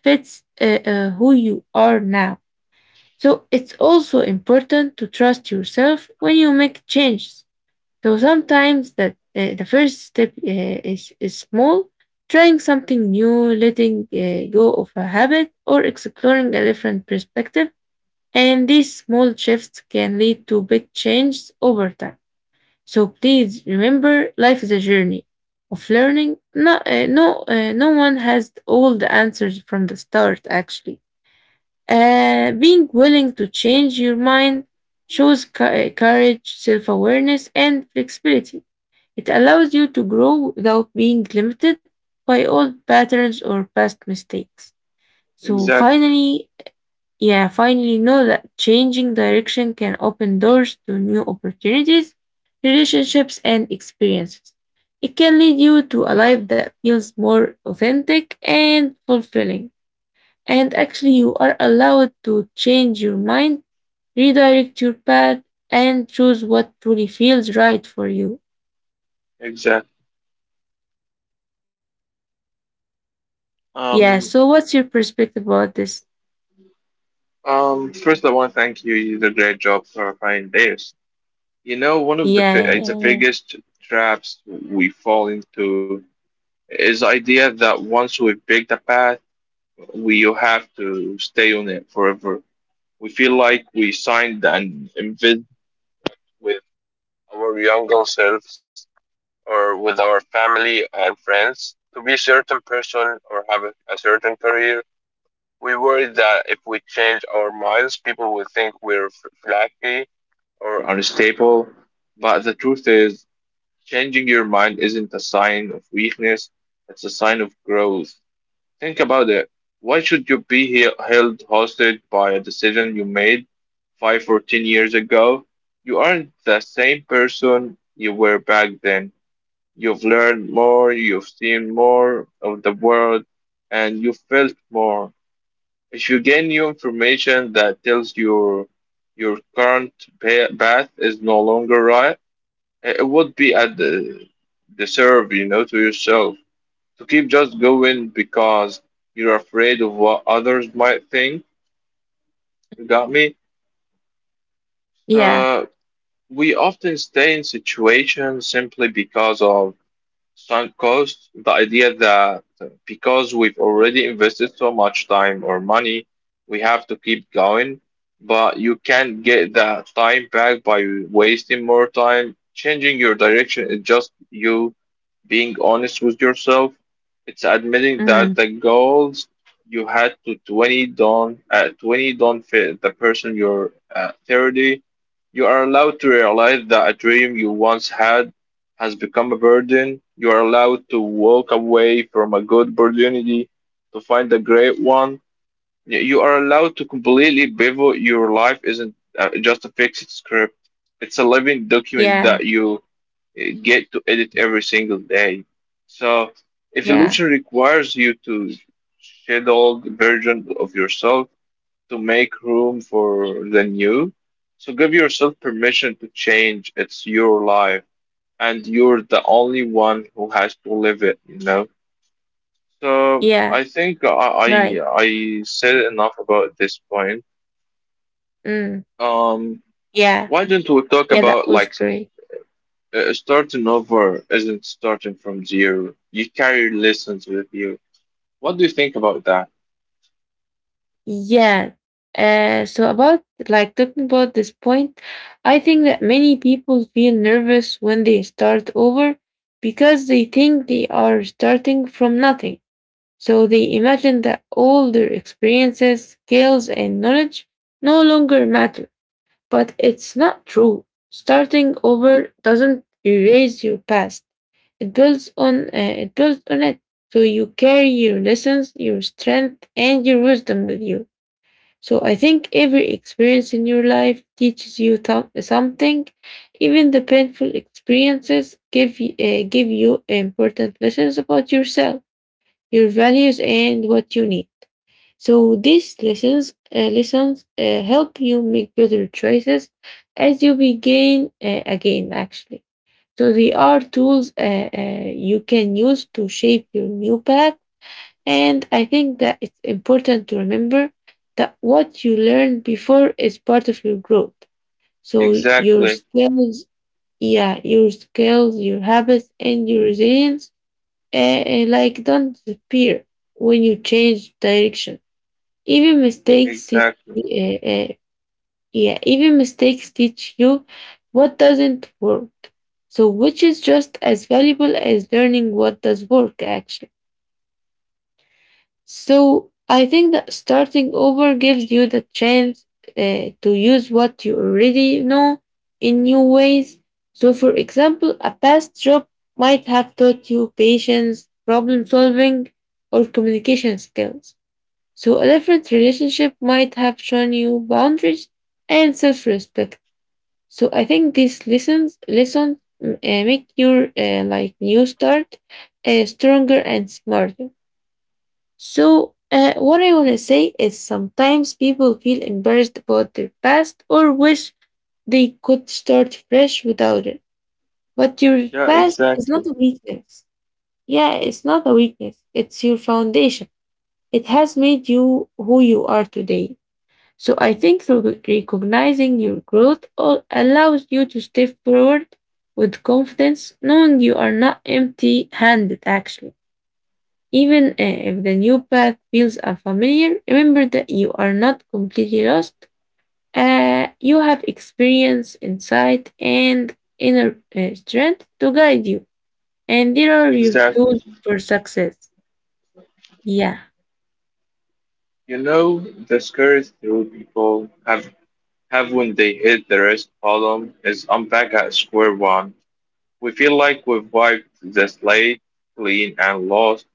Speaker 1: fits who you are now. So it's also important to trust yourself when you make changes. So sometimes that the first step is small, trying something new, letting go of a habit, or exploring a different perspective. And these small shifts can lead to big changes over time. So please remember, life is a journey of learning. No one has all the answers from the start. Actually, being willing to change your mind shows courage, self-awareness, and flexibility. It allows you to grow without being limited by old patterns or past mistakes. So
Speaker 2: exactly,
Speaker 1: yeah, finally know that changing direction can open doors to new opportunities, relationships, and experiences. It can lead you to a life that feels more authentic and fulfilling. And actually, you are allowed to change your mind, redirect your path, and choose what truly feels right for you.
Speaker 2: exactly.
Speaker 1: Yeah,
Speaker 2: Um,
Speaker 1: so what's your perspective about this?
Speaker 2: First, I want to thank you. You did a great job clarifying this. You know, one of the fi-
Speaker 1: Yeah,
Speaker 2: it's the
Speaker 1: yeah, yeah.
Speaker 2: biggest traps we fall into is the idea that once we pick the path, we have to stay on it forever. We feel like we signed an invite with our younger selves or with our family and friends to be a certain person or have a certain career. We worry that if we change our minds, people will think we're flaky or unstable. But the truth is, changing your mind isn't a sign of weakness, it's a sign of growth. Think about it. Why should you be held hostage by a decision you made 5 or 10 years ago? You aren't the same person you were back then. You've learned more, you've seen more of the world, and you felt more. If you gain new information that tells you your current path is no longer right, it would be at the serve, you know, to yourself. To keep just going because you're afraid of what others might think. You got me?
Speaker 1: Yeah.
Speaker 2: So we often stay in situations simply because of sunk costs. The idea that because we've already invested so much time or money, we have to keep going. But you can't get that time back by wasting more time. Changing your direction is just you being honest with yourself, it's admitting that the
Speaker 1: Mm.
Speaker 2: goals you had to 20 don't at 20 don't fit the person you're at 30. You are allowed to realize that a dream you once had has become a burden. You are allowed to walk away from a good opportunity to find a great one. You are allowed to completely pivot. Your life isn't just a fixed script. It's a living document that
Speaker 1: Yeah,
Speaker 2: you get to edit every single day. So evolution
Speaker 1: yeah,
Speaker 2: requires you to shadow the version of yourself to make room for the new. So give yourself permission to change. It's your life and you're the only one who has to live it, you know? So
Speaker 1: yeah.
Speaker 2: I think
Speaker 1: Right.
Speaker 2: I said enough about this point.
Speaker 1: Mm.
Speaker 2: Um,
Speaker 1: Yeah.
Speaker 2: why don't we talk
Speaker 1: Yeah, that
Speaker 2: about
Speaker 1: was
Speaker 2: like,
Speaker 1: great.
Speaker 2: Starting over isn't starting from zero. You carry lessons with you. What do you think about that?
Speaker 1: Yeah. So about like talking about this point, I think that many people feel nervous when they start over because they think they are starting from nothing. So they imagine that all their experiences, skills, and knowledge no longer matter. But it's not true. Starting over doesn't erase your past. It builds on it builds on it. So you carry your lessons, your strength, and your wisdom with you. So I think every experience in your life teaches you something. Even the painful experiences give you important lessons about yourself, your values, and what you need. So these lessons help you make better choices as you begin again, actually. So they are tools you can use to shape your new path. And I think that it's important to remember that what you learned before is part of your growth. So your
Speaker 2: Exactly,
Speaker 1: skills, yeah, your skills, your habits, and your resilience, uh, like don't disappear when you change direction. Even mistakes teach
Speaker 2: exactly.
Speaker 1: y- uh, uh, yeah, even mistakes teach you what doesn't work. So which is just as valuable as learning what does work actually. So I think that starting over gives you the chance to use what you already know in new ways. So for example, a past job might have taught you patience, problem solving, or communication skills. So, a different relationship might have shown you boundaries and self respect. So, I think these lessons make your like new start stronger and smarter. So, what I want to say is sometimes people feel embarrassed about their past or wish they could start fresh without it. But your
Speaker 2: Yeah,
Speaker 1: past is not
Speaker 2: exactly,
Speaker 1: a weakness. Yeah, it's not a weakness, it's your foundation. It has made you who you are today. So I think recognizing your growth all allows you to step forward with confidence, knowing you are not empty handed actually. Even if the new path feels unfamiliar, remember that you are not completely lost. You have experience, insight, and inner strength to guide you. And there are your
Speaker 2: exactly.
Speaker 1: tools for success. Yeah.
Speaker 2: You know, the scariest thing people have when they hit the rest column is, I'm back at square one. We feel like we've wiped the slate clean and lost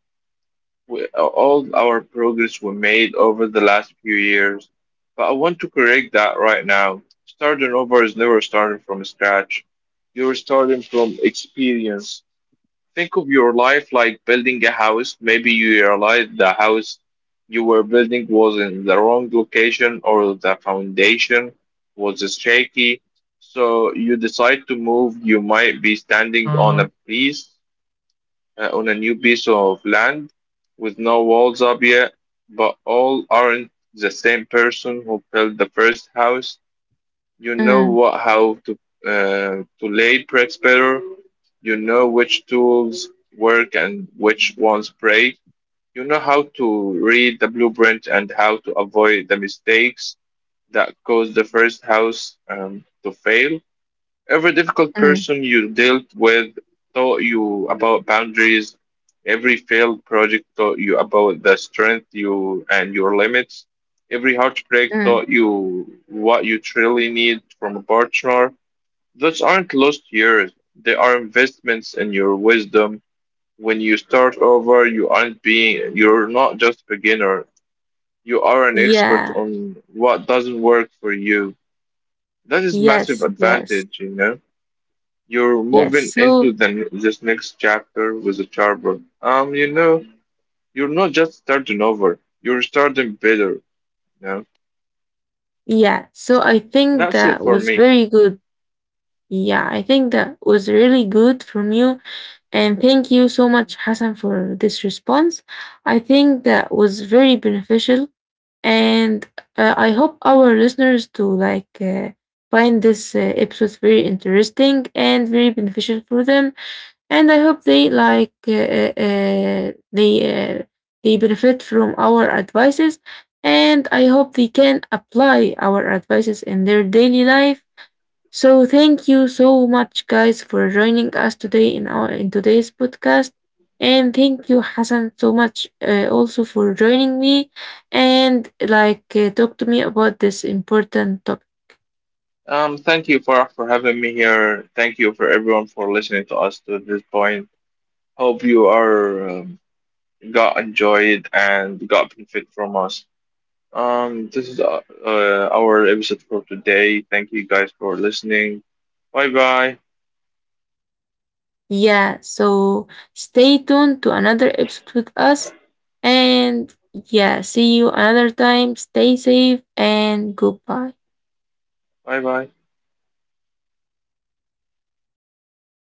Speaker 2: we, all our progress we made over the last few years. But I want to correct that right now. Starting over is never starting from scratch. You're starting from experience. Think of your life like building a house. Maybe you realized the house you were building was in the wrong location or the foundation was shaky. So you decide to move. You might be standing on a piece on a new piece of land with no walls up yet, but all aren't the same person who built the first house. You know
Speaker 1: Mm,
Speaker 2: what how to lay bricks better. You know which tools work and which ones break. You know how to read the blueprint and how to avoid the mistakes that caused the first house to fail. Every difficult
Speaker 1: mm,
Speaker 2: person you dealt with taught you about boundaries. Every failed project taught you about the strength you and your limits. Every heartbreak
Speaker 1: mm.
Speaker 2: taught you what you truly need from a partner. Those aren't lost years. They are investments in your wisdom. When you start over, you aren't being you're not just a beginner. You are an expert
Speaker 1: Yeah.
Speaker 2: on what doesn't work for you. That is massive
Speaker 1: Yes. Yes.
Speaker 2: advantage, you know? You're
Speaker 1: Yes.
Speaker 2: moving into
Speaker 1: So
Speaker 2: the this next chapter with a charbon. You know, you're not just starting over. You're starting better. You know,
Speaker 1: yeah, so I think
Speaker 2: that's it
Speaker 1: that
Speaker 2: for
Speaker 1: was
Speaker 2: me.
Speaker 1: very good. Yeah, I think that was really good from you. And thank you so much, Hassan, for this response. I think that was very beneficial. And I hope our listeners to like find this episode very interesting and very beneficial for them, and I hope they like they benefit from our advices, and I hope they can apply our advices in their daily life. So thank you so much, guys, for joining us today in our in today's podcast, and thank you, Hassan, so much also for joining me, and like talk to me about this important topic.
Speaker 2: Thank you for having me here. Thank you for everyone for listening to us to this point. Hope you are got enjoyed and got benefit from us. This is our episode for today. Thank you guys for listening. Bye bye.
Speaker 1: Yeah, so stay tuned to another episode with us. And yeah, see you another time. Stay safe and goodbye.
Speaker 2: Bye bye.